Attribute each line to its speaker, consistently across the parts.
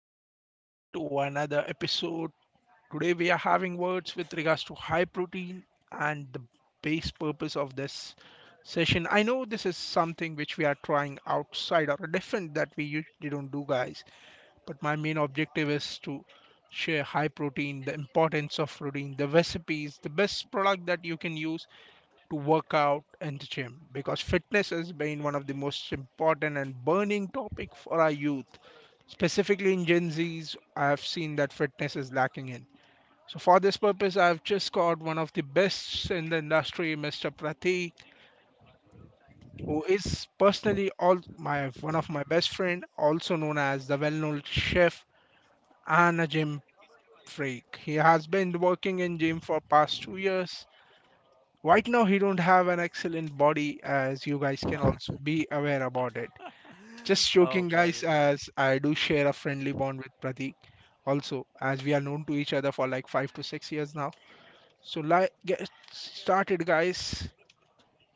Speaker 1: welcome back to another episode. Today we are having words with regards to high protein and the base purpose of this session. I know this is something which we are trying outside or different that we usually don't do, guys, but my main objective is to share high protein, the importance of protein, the recipes, the best product that you can use to work out in the gym because fitness has been one of the most important and burning topic for our youth, specifically in Gen Z's. I have seen that fitness is lacking in. So for this purpose, I have just got one of the best in the industry, Mr. Pratik, who is personally all my one of my best friend, also known as the well-known chef and a gym freak. He has been working in gym for past 2 years. Right now, he don't have an excellent body, as you guys can also be aware about it. Just
Speaker 2: Oh,
Speaker 1: joking,
Speaker 2: well,
Speaker 1: guys, as I do share a friendly bond with Pratik, also as we are known to each other for like 5 to 6 years now. So like, get started, guys.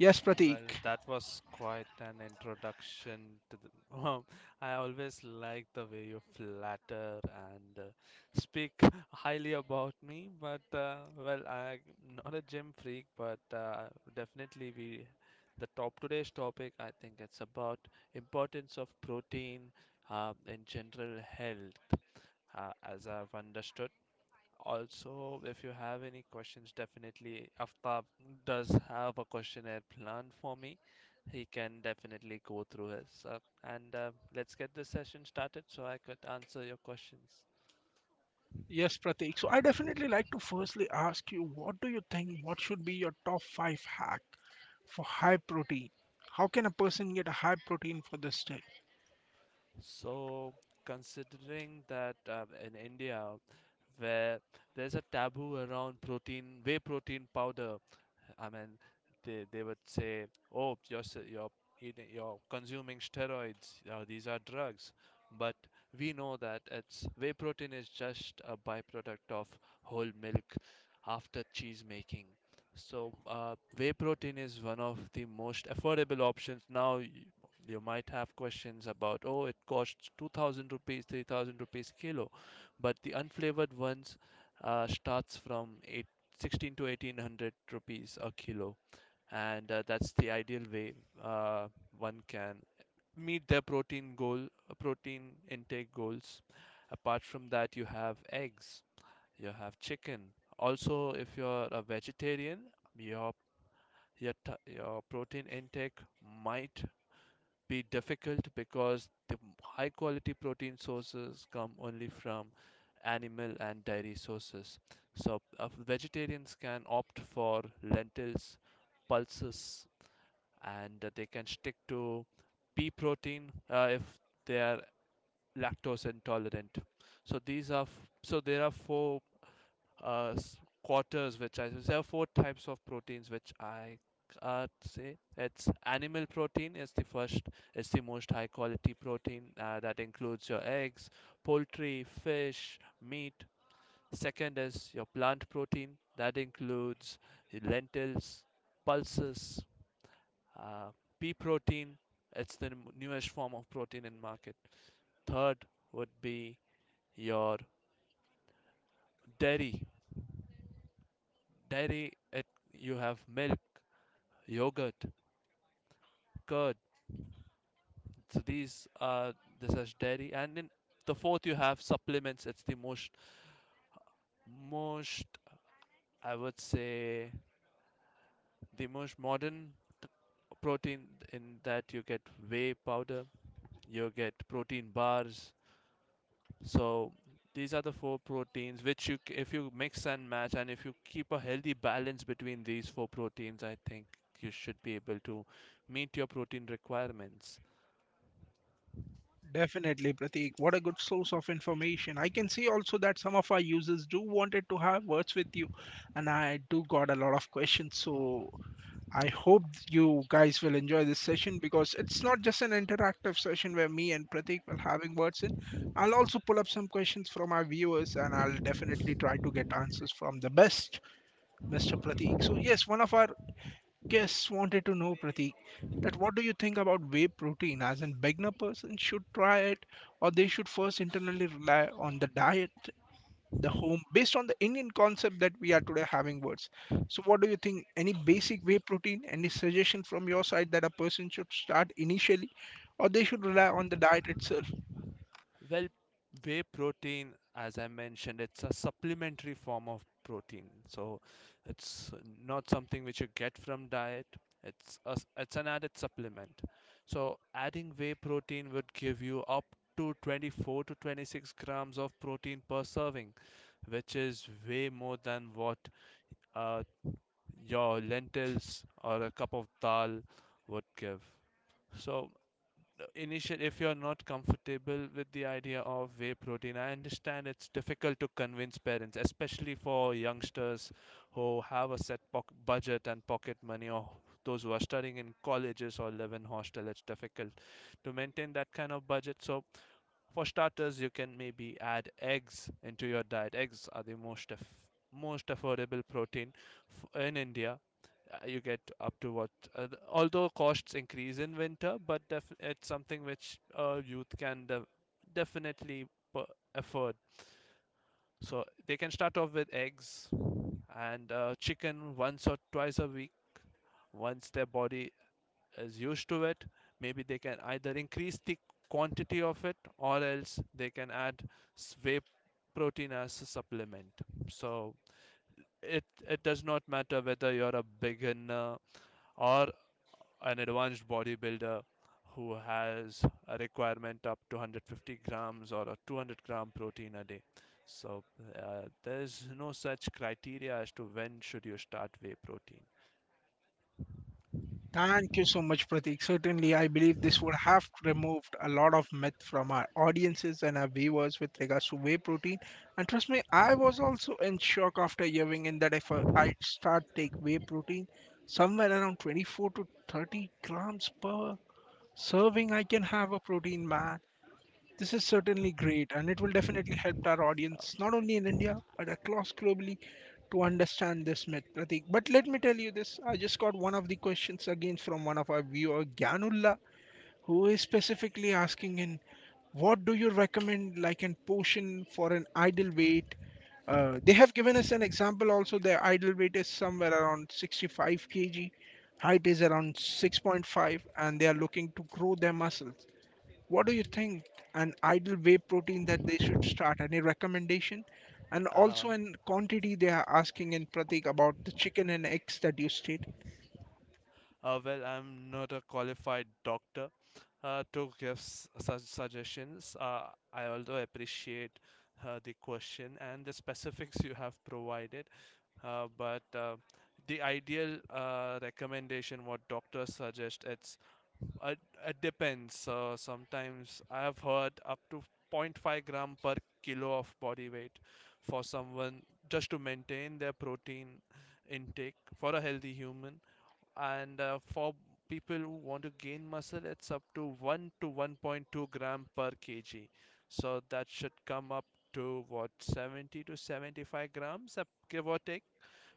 Speaker 1: Yes, Pratik.
Speaker 2: that was quite an introduction to the. Um, I always like the way you flatter and speak highly about me, but I'm not a gym freak, but definitely we. The top today's topic, I think it's about importance of protein in general health, as I've understood. Also, if you have any questions, definitely Aftab does have a questionnaire planned for me. He can definitely go through his. And Let's get the session started so I could answer your questions.
Speaker 1: Yes, Pratik, so I definitely like to firstly ask you, what do you think, what should be your top 5 hack for high protein? How can a person get a high protein for this day?
Speaker 2: So, considering that in India, where there's a taboo around protein, whey protein powder, I mean, they would say, "Oh, you're eating, you're consuming steroids. These are drugs." But we know that it's whey protein is just a byproduct of whole milk after cheese making. So whey protein is one of the most affordable options. You might have questions about, oh, it costs 2,000 rupees, 3,000 rupees kilo, but the unflavored ones starts from eight 16 to 1800 rupees a kilo, and that's the ideal way uh, one can meet their protein goal, protein intake goals. Apart from that, you have eggs, you have chicken. Also, if you're a vegetarian, your your protein intake might be difficult because the high quality protein sources come only from animal and dairy sources. So, vegetarians can opt for lentils, pulses, and they can stick to pea protein if they are lactose intolerant. So there are four s- quarters which I there are four types of proteins which I can't say. It's animal protein is the first, it's the most high quality protein, that includes your eggs, poultry, fish, meat. Second is your plant protein, that includes your lentils, pulses, uh, pea protein. It's the newest form of protein in market. Third would be your dairy. Dairy it you have milk, yogurt, curd. So these are the such dairy, and in the fourth you have supplements. It's the most I would say the most modern t- protein. In that you get whey powder, you get protein bars. So these are the four proteins which if you mix and match and if you keep a healthy balance between these four proteins, I think you should be able to meet your protein requirements.
Speaker 1: Definitely, Pratik. What a good source of information. I can see also that some of our users do wanted to have words with you, and I do got a lot of questions. So I hope you guys will enjoy this session because it's not just an interactive session where me and Pratik will having words in. I'll also pull up some questions from our viewers, and I'll definitely try to get answers from the best, Mr. Pratik. So yes, one of our guests wanted to know, Pratik, that what do you think about whey protein? As a beginner person should try it, or they should first internally rely on the diet, the home, based on the Indian concept that we are today having words. So, what do you think? Any basic whey protein? Any suggestion from your side that a person should start initially, or they should rely on the diet itself?
Speaker 2: Well, whey protein, as I mentioned, it's a supplementary form of protein. So it's not something which you get from diet. It's an added supplement. So adding whey protein would give you up to 24 to 26 grams of protein per serving, which is way more than what uh, your lentils or a cup of dal would give. So initial, if you're not comfortable with the idea of whey protein, I understand it's difficult to convince parents, especially for youngsters who have a set budget and pocket money, or those who are studying in colleges or live in hostel. It's difficult to maintain that kind of budget. So for starters, you can maybe add eggs into your diet. Eggs are the most affordable protein in India. You get up to what, although costs increase in winter, but it's something which youth can definitely per- afford. So they can start off with eggs and chicken once or twice a week. Once their body is used to it, maybe they can either increase the quantity of it, or else they can add whey protein as a supplement. So it does not matter whether you're a beginner or an advanced bodybuilder who has a requirement up to 150 grams or a 200-gram protein a day. So there is no such criteria as to when should you start whey protein.
Speaker 1: Thank you so much, Pratik. Certainly, I believe this would have removed a lot of myth from our audiences and our viewers with regards to whey protein. And trust me, I was also in shock after hearing in that if I'd start take whey protein, somewhere around 24 to 30 grams per serving, I can have a protein, man. This is certainly great, and it will definitely help our audience, not only in India, but across globally, to understand this myth, Pratik. But let me tell you this, I just got one of the questions again from one of our viewer, Gyanullah, who is specifically asking in what do you recommend, like an potion for an ideal weight? They have given us an example also. Their ideal weight is somewhere around 65 kg, height is around 6.5, and they are looking to grow their muscles. What do you think? An ideal whey protein that they should start? Any recommendation? And
Speaker 2: uh,
Speaker 1: also in quantity they are asking in Pratik about the chicken and eggs that you state.
Speaker 2: I'm not a qualified doctor to give such suggestions. I although appreciate the question and the specifics you have provided, but the ideal recommendation what doctors suggest, it, it depends. Sometimes I have heard up to zero point 0.5 gram per kilo of body weight for someone just to maintain their protein intake for a healthy human. And for people who want to gain muscle, it's up to 1 to 1.2 gram per kg. So that should come up to what, 70 to 75 grams, give or take.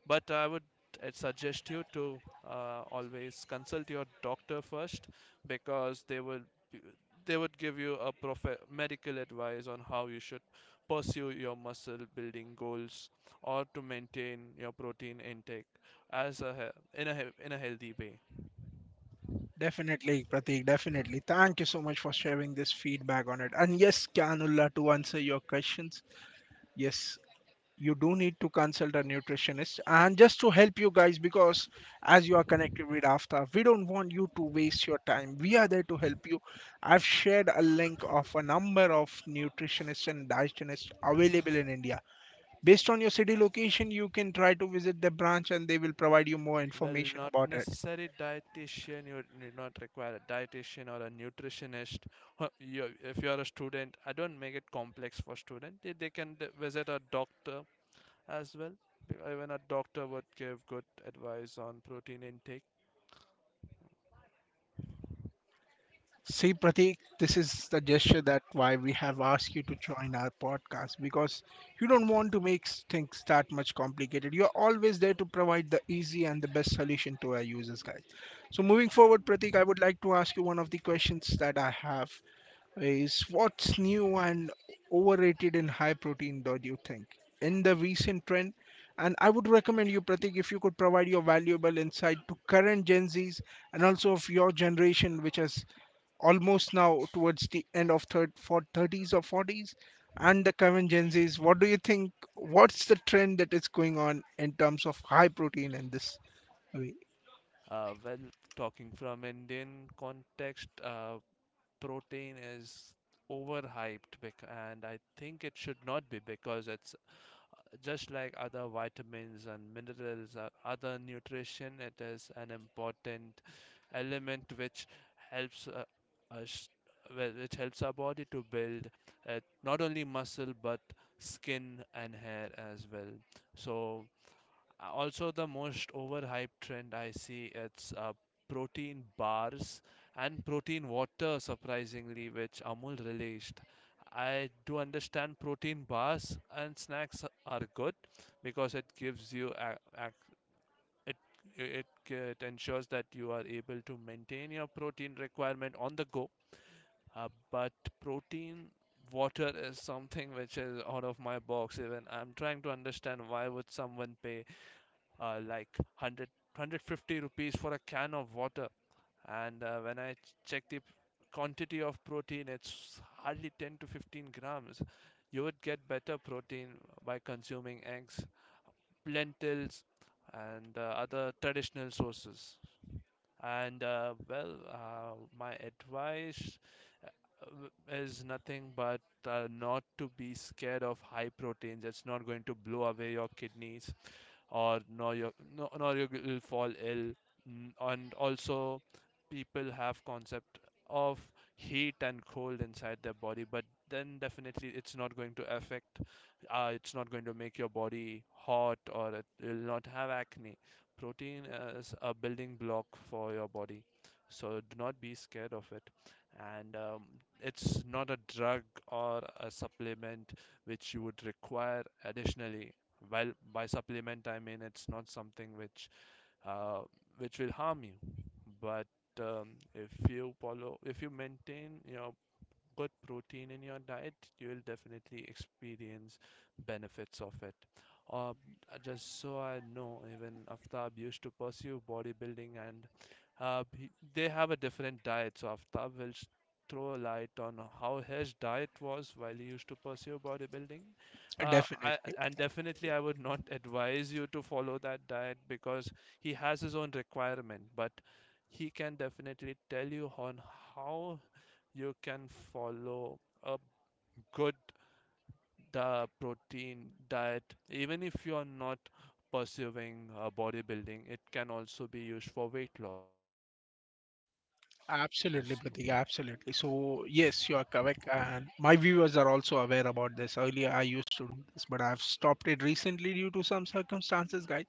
Speaker 2: But I would suggest you to always consult your doctor first, because they would give you a medical advice on how you should pursue your muscle building goals or to maintain your protein intake as in a healthy way.
Speaker 1: Definitely, Pratik, definitely. Thank you so much for sharing this feedback on it. And yes, Kanullah, to answer your questions, yes, you do need to consult a nutritionist and just to help you guys because as you are connected with after, we don't want you to waste your time. We are there to help you. I've shared a link of a number of nutritionists and dietitionists available in India. Based on your city location, you can try to visit the branch, and they will provide you more
Speaker 2: Well,
Speaker 1: information
Speaker 2: not
Speaker 1: about it.
Speaker 2: necessary dietitian, you do not require a dietitian or a nutritionist. You, if you are a student, I don't make it complex for student. They can visit a doctor as well. Even a doctor would give good advice on protein intake.
Speaker 1: See, Pratik, this is the gesture that why we have asked you to join our podcast because you don't want to make things that much complicated. You're always there to provide the easy and the best solution to our users, guys. So, moving forward, Pratik, I would like to ask you, one of the questions that I have is what's new and overrated in high protein, though, do you think? In the recent trend, and I would recommend you, Pratik, if you could provide your valuable insight to current Gen Zs and also of your generation, which has almost now towards the end of third for 30s or 40s and the current Gen Zs. What do you think? What's the trend that is going on in terms of high protein in this way?
Speaker 2: Uh, well, talking from Indian context, protein is overhyped and I think it should not be, because it's just like other vitamins and minerals or other nutrition. It is an important element which helps us, well, it helps our body to build, not only muscle but skin and hair as well. So also, the most overhyped trend I see, it's protein bars and protein water, surprisingly, which Amul released. I do understand protein bars and snacks are good because it gives you a, it it ensures that you are able to maintain your protein requirement on the go. But protein water is something which is out of my box. Even I'm trying to understand why would someone pay like 100, 150 rupees for a can of water. And when I check the quantity of protein, it's hardly 10 to 15 grams. You would get better protein by consuming eggs, lentils, and other traditional sources. And my advice is nothing but not to be scared of high proteins. It's not going to blow away your kidneys, or no, you will fall ill. And also, people have concept of heat and cold inside their body, but then definitely it's not going to affect. It's not going to make your body hot, or it will not have acne. Protein is a building block for your body, so do not be scared of it. And it's not a drug or a supplement which you would require additionally. Well, by supplement, I mean it's not something uh, which will harm you, but if you follow, if you maintain your good protein in your diet, you'll definitely experience benefits of it. Uh, just so I know, even Aftab used to pursue bodybuilding, and they have a different diet. So Aftab will throw a light on how his diet was while he used to pursue bodybuilding.
Speaker 1: Definitely.
Speaker 2: And definitely, I would not advise you to follow that diet because he has his own requirement. But he can definitely tell you on how you can follow a good protein diet, even if you are not pursuing bodybuilding. It can also be used for weight loss too.
Speaker 1: Absolutely, Pratik. Absolutely. So, yes, you are correct. And my viewers are also aware about this. Earlier, I used to do this, but I've stopped it recently due to some circumstances, guys.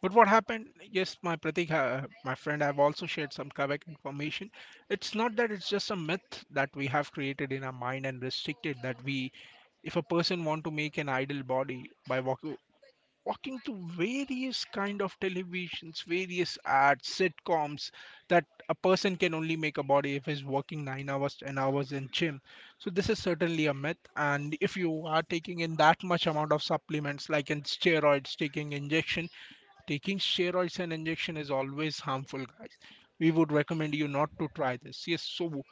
Speaker 1: But what happened? Yes, my Pratik, my friend, I've also shared some correct information. It's not that it's just a myth that we have created in our mind and restricted that we, if a person want to make an ideal body by walking through various kind of televisions, various ads, sitcoms, that a person can only make a body if he's working 9 hours 10 hours in gym. So this is certainly a myth. And if you are taking in that much amount of supplements, like in steroids, taking steroids and injection is always harmful, guys. We would recommend you not to try this. Yes. So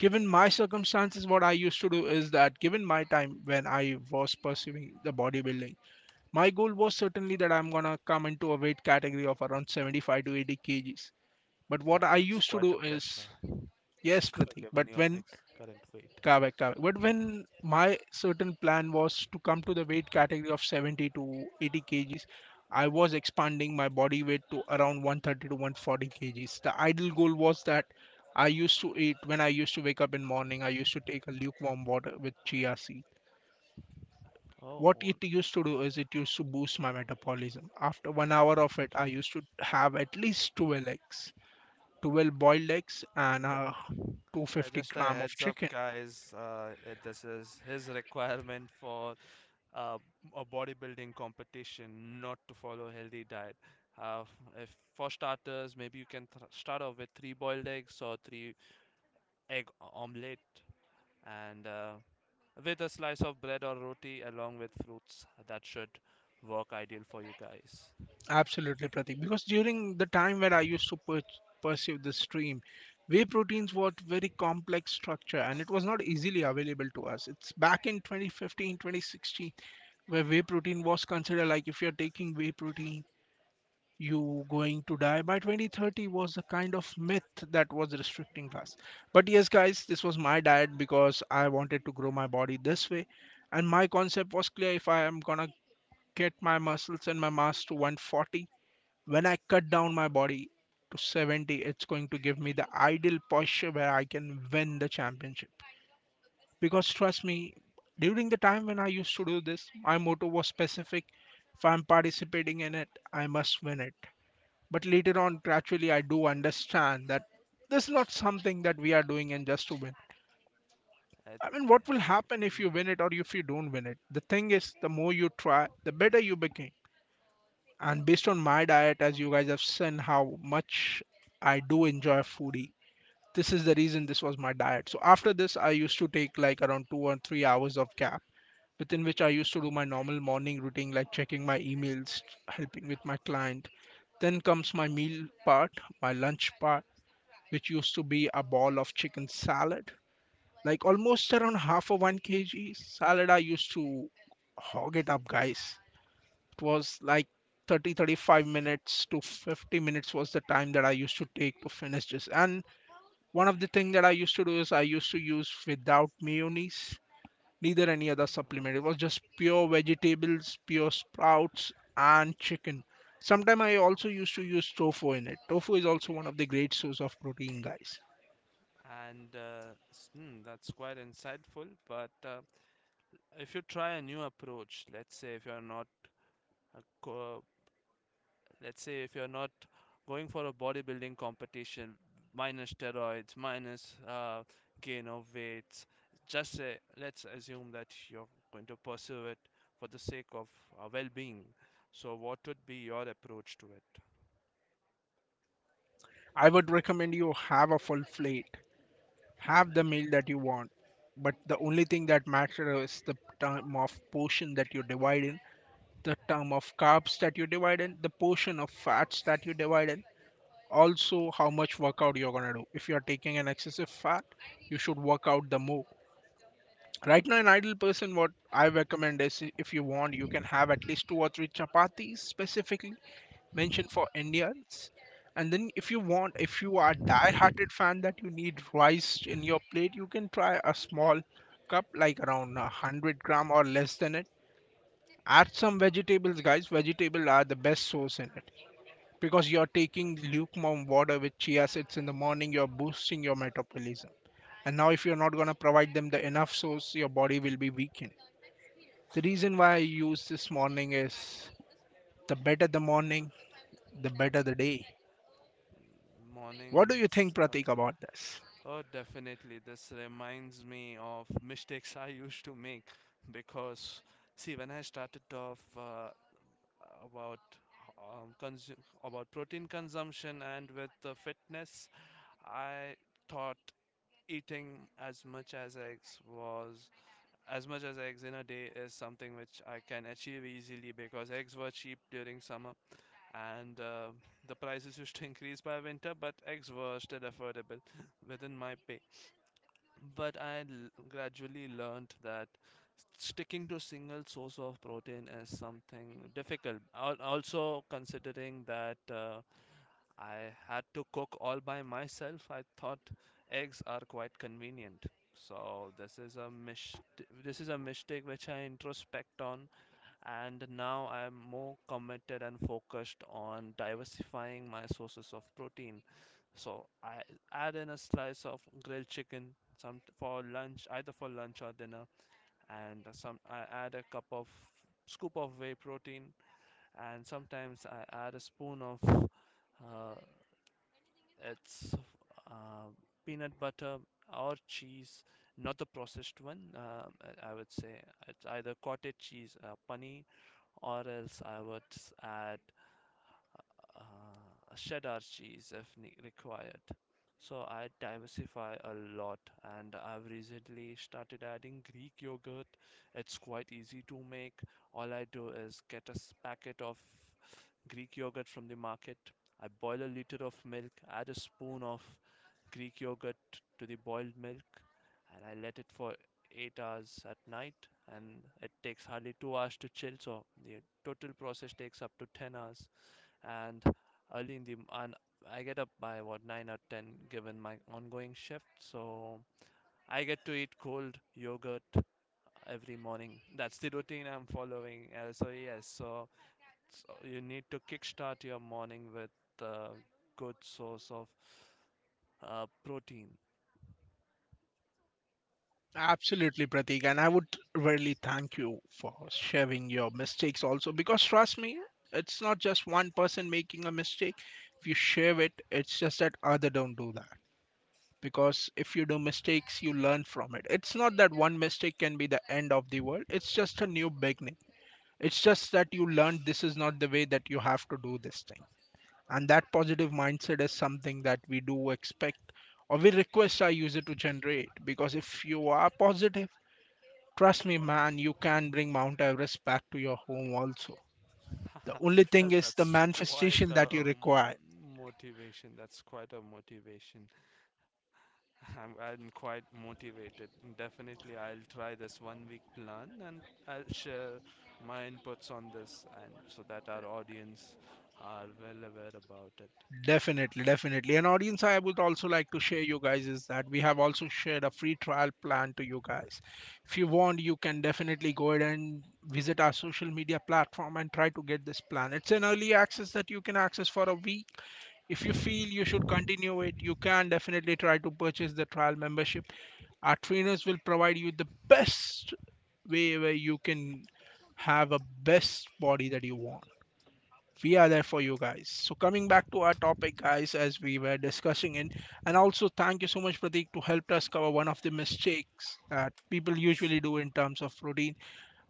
Speaker 1: given my circumstances, what I used to do is that given my time when I was pursuing the bodybuilding, my goal was certainly that I'm gonna come into a weight category of around 75 to 80 kgs. But what I
Speaker 2: That's
Speaker 1: used to
Speaker 2: quite a
Speaker 1: do
Speaker 2: pressure.
Speaker 1: is, yes, Pratik,
Speaker 2: Given
Speaker 1: but
Speaker 2: your
Speaker 1: when,
Speaker 2: current weight.
Speaker 1: come back. Come But when my certain plan was to come to the weight category of 70 to 80 kgs, I was expanding my body weight to around 130 to 140 kgs. The ideal goal was that I used to eat when I used to wake up in morning, I used to take a lukewarm water with chia seed. What
Speaker 2: Oh,
Speaker 1: it used to do is it used to boost my metabolism. After 1 hour of it, I used to have at least 12 eggs, 12 boiled eggs, and
Speaker 2: okay.
Speaker 1: 250
Speaker 2: Just a
Speaker 1: gram of
Speaker 2: heads up
Speaker 1: chicken.
Speaker 2: guys, this is his requirement for uh, a bodybuilding competition, not to follow healthy diet. Uh, if for starters maybe you can start off with three boiled eggs or three egg omelette, and with a slice of bread or roti along with fruits. That should work ideal for you guys.
Speaker 1: Absolutely, Pratik. Because during the time where I used to pursue this stream, whey proteins were very complex structure and it was not easily available to us. It's back in 2015, 2016, where whey protein was considered like if you're taking whey protein, you going to die by 2030 was a kind of myth that was restricting us. But yes, guys, this was my diet because I wanted to grow my body this way. And my concept was clear, if I am gonna get my muscles and my mass to 140, when I cut down my body to 70, it's going to give me the ideal posture where I can win the championship. Because trust me, during the time when I used to do this, my motto was specific, if I'm participating in it, I must win it. But later on, gradually, I do understand that this is not something that we are doing and just to win.
Speaker 2: I,
Speaker 1: I mean, what will
Speaker 2: I-
Speaker 1: happen if
Speaker 2: mm.
Speaker 1: you win it or if you don't win it? The thing is, the more you try, the better you become. And based on my diet, as you guys have seen how much I do enjoy foodie, this is the reason this was my diet. So after this, I used to take like around 2 or 3 hours of gap within which I used to do my normal morning routine, like checking my emails, helping with my client. Then comes my meal part, my lunch part, which used to be a ball of chicken salad, like almost around half a 1 kg salad. I used to hog it up, guys. It was like 30, 35 minutes to 50 minutes was the time that I used to take to finish this. And one of the thing that I used to do is I used to use without mayonnaise, neither any other
Speaker 2: Oh.
Speaker 1: supplement. It was just pure vegetables, pure sprouts, and chicken. Sometimes I also used to use tofu in it. Tofu is also one of the great source of protein, guys.
Speaker 2: And hmm, that's quite insightful. But if you try a new approach, let's say if you're not uh, co- let's say if you're not going for a bodybuilding competition, minus steroids, minus gain of weights. Just say, let's assume that you're going to pursue it for the sake of well-being. So what would be your approach to it?
Speaker 1: I would recommend you have a full plate, have the meal that you want, but the only thing that matters is the time of portion that you divide in, the term of carbs that you divide in, the portion of fats that you divide in, also how much workout you're gonna do. If you're taking an excessive fat, you should work out the more. Right now, an ideal person, what I recommend is if you want, you can have at least two or three chapatis specifically mention for Indians. And then if you want, if you are die-hearted fan that you need rice in your plate, you can try a small cup like around 100 gram or less than it. Add some vegetables, guys. Vegetables are the best source in it because you're taking lukewarm water with chia seeds in the morning. You're boosting your metabolism. And now, if you're not gonna provide them the enough source, your body will be weakened. The reason why I use this morning is the better the morning, the better the day. What do you think,
Speaker 2: Mornings are,
Speaker 1: Pratik, about this?
Speaker 2: oh definitely this reminds me of mistakes I used to make, because see when I started off, about um, consu- about protein consumption and with the fitness, I thought eating as much as eggs was, as much as eggs in a day, is something which I can achieve easily because eggs were cheap during summer, and the prices used to increase by winter, but eggs were still affordable within my pay. But I l- Gradually learned that sticking to single source of protein is something difficult. Also, considering that I had to cook all by myself, I thought eggs are quite convenient. So this is a mistake which I introspect on, and now I am more committed and focused on diversifying my sources of protein. So I add in a slice of grilled chicken some for lunch, either for lunch or dinner, and some I add a cup of scoop of whey protein, and sometimes I add a spoon of uh, it's uh, peanut butter or cheese, not the processed one. I would say it's either cottage cheese, paneer, or else I would add a cheddar cheese if ne required. So I diversify a lot, and I've recently started adding Greek yogurt. It's quite easy to make. All I do is get a packet of Greek yogurt from the market. I boil a liter of milk, add a spoon of Greek yogurt to the boiled milk, and I let it for 8 hours at night. And it takes hardly 2 hours to chill, so the total process takes up to 10 hours. And early in the m- and I get up by what 9 or 10 given my ongoing shift, so I get to eat cold yogurt every morning. That's the routine I'm following. So you need to kickstart your morning with a good source of protein.
Speaker 1: Absolutely, Pratik. And I would really thank you for sharing your mistakes also because trust me, it's not just one person making a mistake. If you share it, it's just that other don't do that. Because if you do mistakes, you learn from it. It's not that one mistake can be the end of the world. It's just a new beginning. It's just that you learned this is not the way that you have to do this thing. And that positive mindset is something that we do expect or we request our user to generate because if you are positive, trust me, man, you can bring Mount Everest back to your home also. The only thing is the
Speaker 2: That's quite
Speaker 1: manifestation
Speaker 2: a
Speaker 1: that you require.
Speaker 2: um, motivation. That's quite a motivation. I'm quite motivated. Definitely, I'll try this 1 week plan and I'll share my inputs on this and so that our audience are well aware about it.
Speaker 1: Definitely, definitely. An audience, I would also like to share you guys is that we have also shared a free trial plan to you guys. If you want, you can definitely go ahead and visit our social media platform and try to get this plan. It's an early access that you can access for a week. If you feel you should continue it, you can definitely try to purchase the trial membership. Our trainers will provide you the best way where you can have a best body that you want. We are there for you guys.
Speaker 2: Okay.
Speaker 1: So coming back to our topic, guys, as we were discussing it, and also thank you so much, Pratik, to help us cover one of the mistakes that people usually do in terms of routine.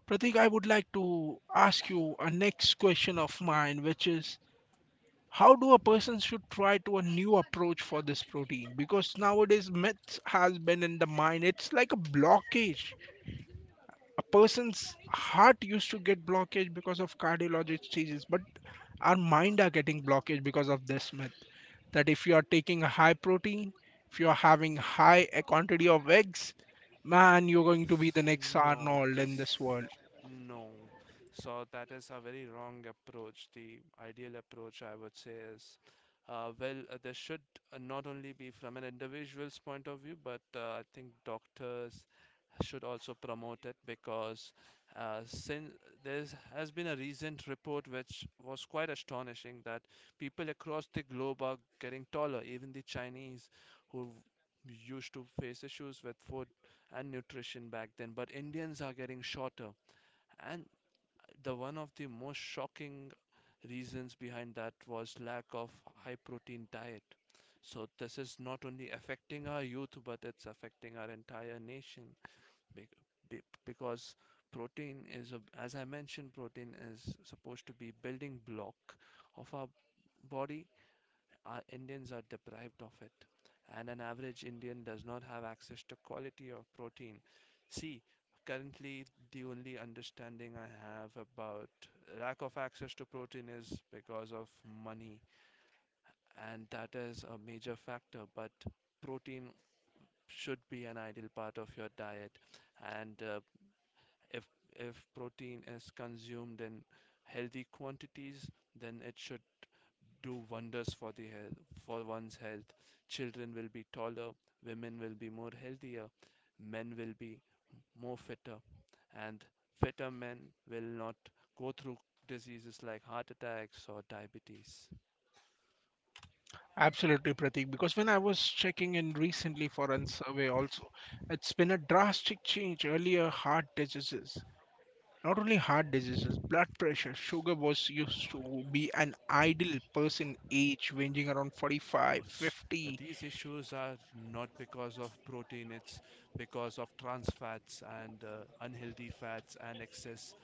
Speaker 1: Pratik, I would like to ask you a next question of mine, which is how do a person should try to a new approach for this protein, because nowadays myths has been in the mind, it's like a blockage. A person's heart used to get blockage because of cardiologic diseases, but our mind are getting blockage because of this myth that if you are taking a high protein, if you are having high a quantity of eggs, man, you're going to be the
Speaker 2: S-
Speaker 1: next
Speaker 2: No,
Speaker 1: arnold
Speaker 2: this,
Speaker 1: in this world.
Speaker 2: no. So that is a very wrong approach. The ideal approach, I would say, is this should not only be from an individual's point of view, but I think doctors should also promote it because since there has been a recent report which was quite astonishing that people across the globe are getting taller, even the Chinese who used to face issues with four and nutrition back then, but Indians are getting shorter, and the one of the most shocking reasons behind that was lack of high protein diet. So this is not only affecting our youth but it's affecting our entire nation. Be- because protein is a, as I mentioned, protein is supposed to be building block of our body. Our Indians are deprived of it, and an average Indian does not have access to quality of protein. See, currently, the only understanding I have about lack of access to protein is because of money, and that is a major factor. But protein should be an ideal part of your diet, and if if protein is consumed in healthy quantities, then it should do wonders for the health, for one's health. Children will be taller, women will be more healthier, men will be more fitter, and fitter men will not go through diseases like heart attacks or diabetes.
Speaker 1: Absolutely, Pratik. Because when I was checking in recently for a survey, also, it's been a drastic change. Earlier, heart diseases, not only heart diseases, blood pressure, sugar was used to be an ideal person age ranging around 45,
Speaker 2: Oh, sh-
Speaker 1: 50.
Speaker 2: These issues are not because of protein, it's because of trans fats and unhealthy fats and excess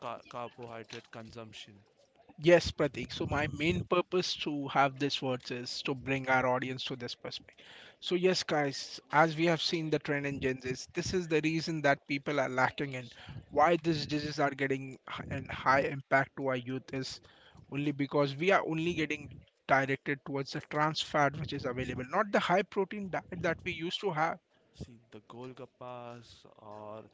Speaker 2: carbohydrate consumption.
Speaker 1: Yes, Pratik. So my main purpose to have this words is to bring our audience to this perspective. So yes, guys, as we have seen the trend in Gen Z, this is the reason that people are lacking in, why these diseases are getting h- and high impact to our youth is only because we are only getting directed towards the trans fat which is available, not the high protein diet that we used to have.
Speaker 2: See, the golgappas or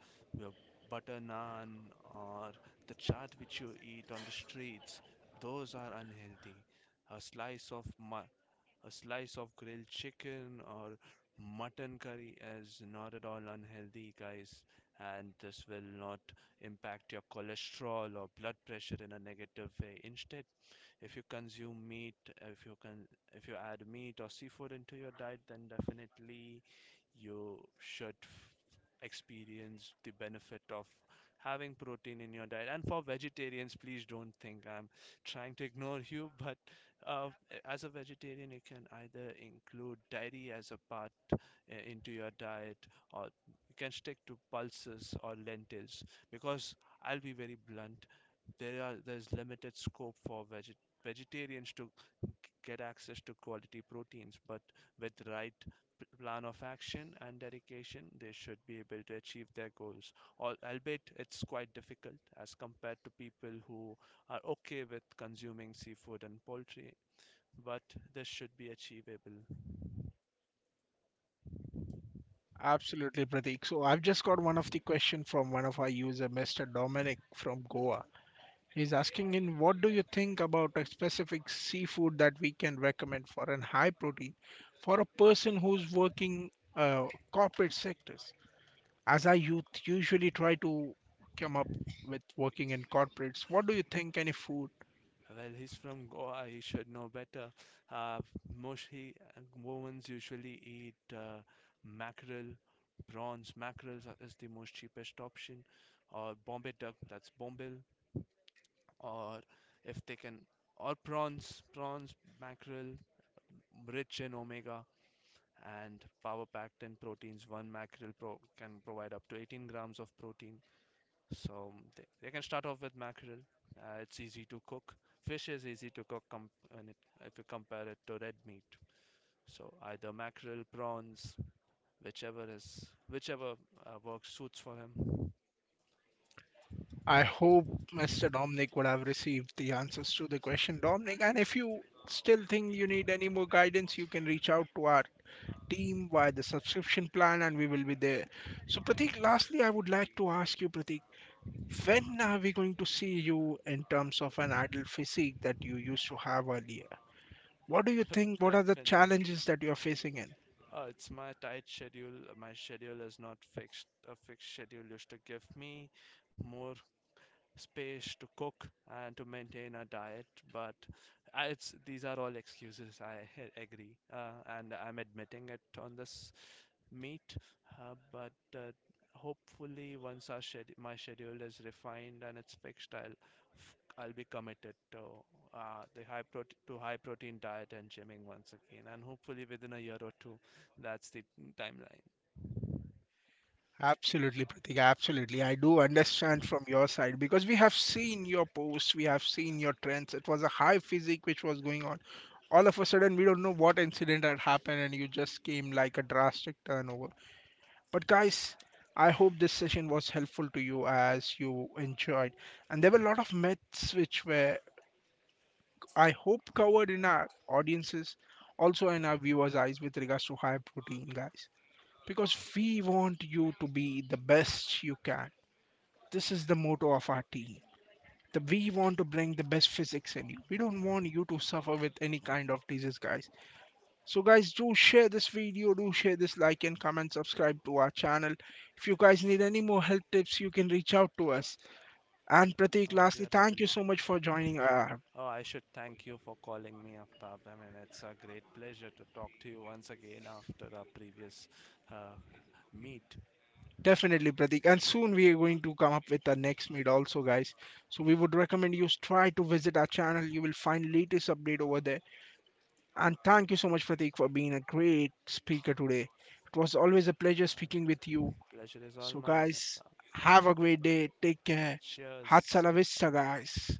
Speaker 2: uh, butter naan or the chaat which you eat on the streets, those are unhealthy. A slice of mu- a slice of grilled chicken or mutton curry is not at all unhealthy, guys, and this will not impact your cholesterol or blood pressure in a negative way. Instead, if you consume meat, if you can, if you add meat or seafood into your diet, then definitely you should experience the benefit of having protein in your diet. And for vegetarians, please don't think I'm trying to ignore you, but uh, as a vegetarian, you can either include dairy as a part into your diet, or you can stick to pulses or lentils, because I'll be very blunt, there's limited scope for vegetarians, vegetarians to g- get access to quality proteins. But with the right plan of action and dedication, they should be able to achieve their goals. Albeit it's quite difficult as compared to people who are okay with consuming seafood and poultry, but this should be achievable.
Speaker 1: Absolutely, Pratik. So I've just got one of the question from one of our user, Mr. Dominic from Goa. He's asking in what do you think about a specific seafood that we can recommend for an high protein for a person who's working uh, corporate sectors? As
Speaker 2: uh,
Speaker 1: our youth usually try to come up with working in corporates, what do you think any food?
Speaker 2: Well, he's from Goa. He should know better. Uh, most he, Goans usually eat mackerel, prawns. Mackerel is the most cheapest option, or Bombay duck. That's bombil. Or if they can, or prawns. Prawns, mackerel, rich in omega and power packed in proteins. One mackerel pro can provide up to 18 grams of protein. So they can start off with mackerel. It's easy to cook. Fish is easy to cook if you compare it to red meat. So either mackerel, prawns, whichever is whichever works suits for him.
Speaker 1: I hope Mr. Dominic would have received the answers to the question, Dominic. And if you still think you need any more guidance, you can reach out to our team via the subscription plan and we will be there. So, Pratik, lastly, I would like to ask you, Pratik, when are we going to see you in terms of an ideal physique that you used to have earlier? What do you think? What are the challenges
Speaker 2: Definitely.
Speaker 1: that you are facing in?
Speaker 2: It's my tight schedule. My schedule is not fixed. A fixed schedule used to give me more space to cook and to maintain a diet. But I- it's these are all excuses. I agree, and I'm admitting it on this meet. But Hopefully, once our my schedule is refined and it's fixed, I'll I'll be committed to high protein diet and gymming once again. And hopefully, within a year or two, that's the timeline.
Speaker 1: Absolutely, Pratik. Absolutely. I do understand from your side because we have seen your posts, we have seen your trends. It was a high physique which was going on. All of a sudden, we don't know what incident had happened, and you just came like a drastic turnover. But guys, I hope this session was helpful to you as you enjoyed. And there were a lot of myths which were, I hope, covered in our audiences, also in our viewers' eyes with regards to high protein, guys. Because we want you to be the best you can. This is the motto of our team. That we want to bring the best physics in you. We don't want you to suffer with any kind of disease, guys. So guys, do share this video, do share this like and comment, subscribe to our channel. If you guys need any more help tips, you can reach out to us. And Prateek,
Speaker 2: We
Speaker 1: lastly,
Speaker 2: are
Speaker 1: thank you
Speaker 2: available.
Speaker 1: so much for joining.
Speaker 2: Oh, I should thank you for calling me, Aftab. I mean, it's a great pleasure to talk to you once again after our previous uh, meet.
Speaker 1: Definitely, Prateek. And soon we are going to come up with the next meet also, guys. So we would recommend you try to visit our channel. You will find latest update over there. And thank you so much, Prateek, for being a great speaker today. It was always a pleasure speaking
Speaker 2: Uh,
Speaker 1: with you.
Speaker 2: Pleasure is all
Speaker 1: So
Speaker 2: mine,
Speaker 1: guys,
Speaker 2: Aftab.
Speaker 1: have a great day. Take care.
Speaker 2: Cheers.
Speaker 1: Hatsala vista,
Speaker 2: Goodbye.
Speaker 1: guys.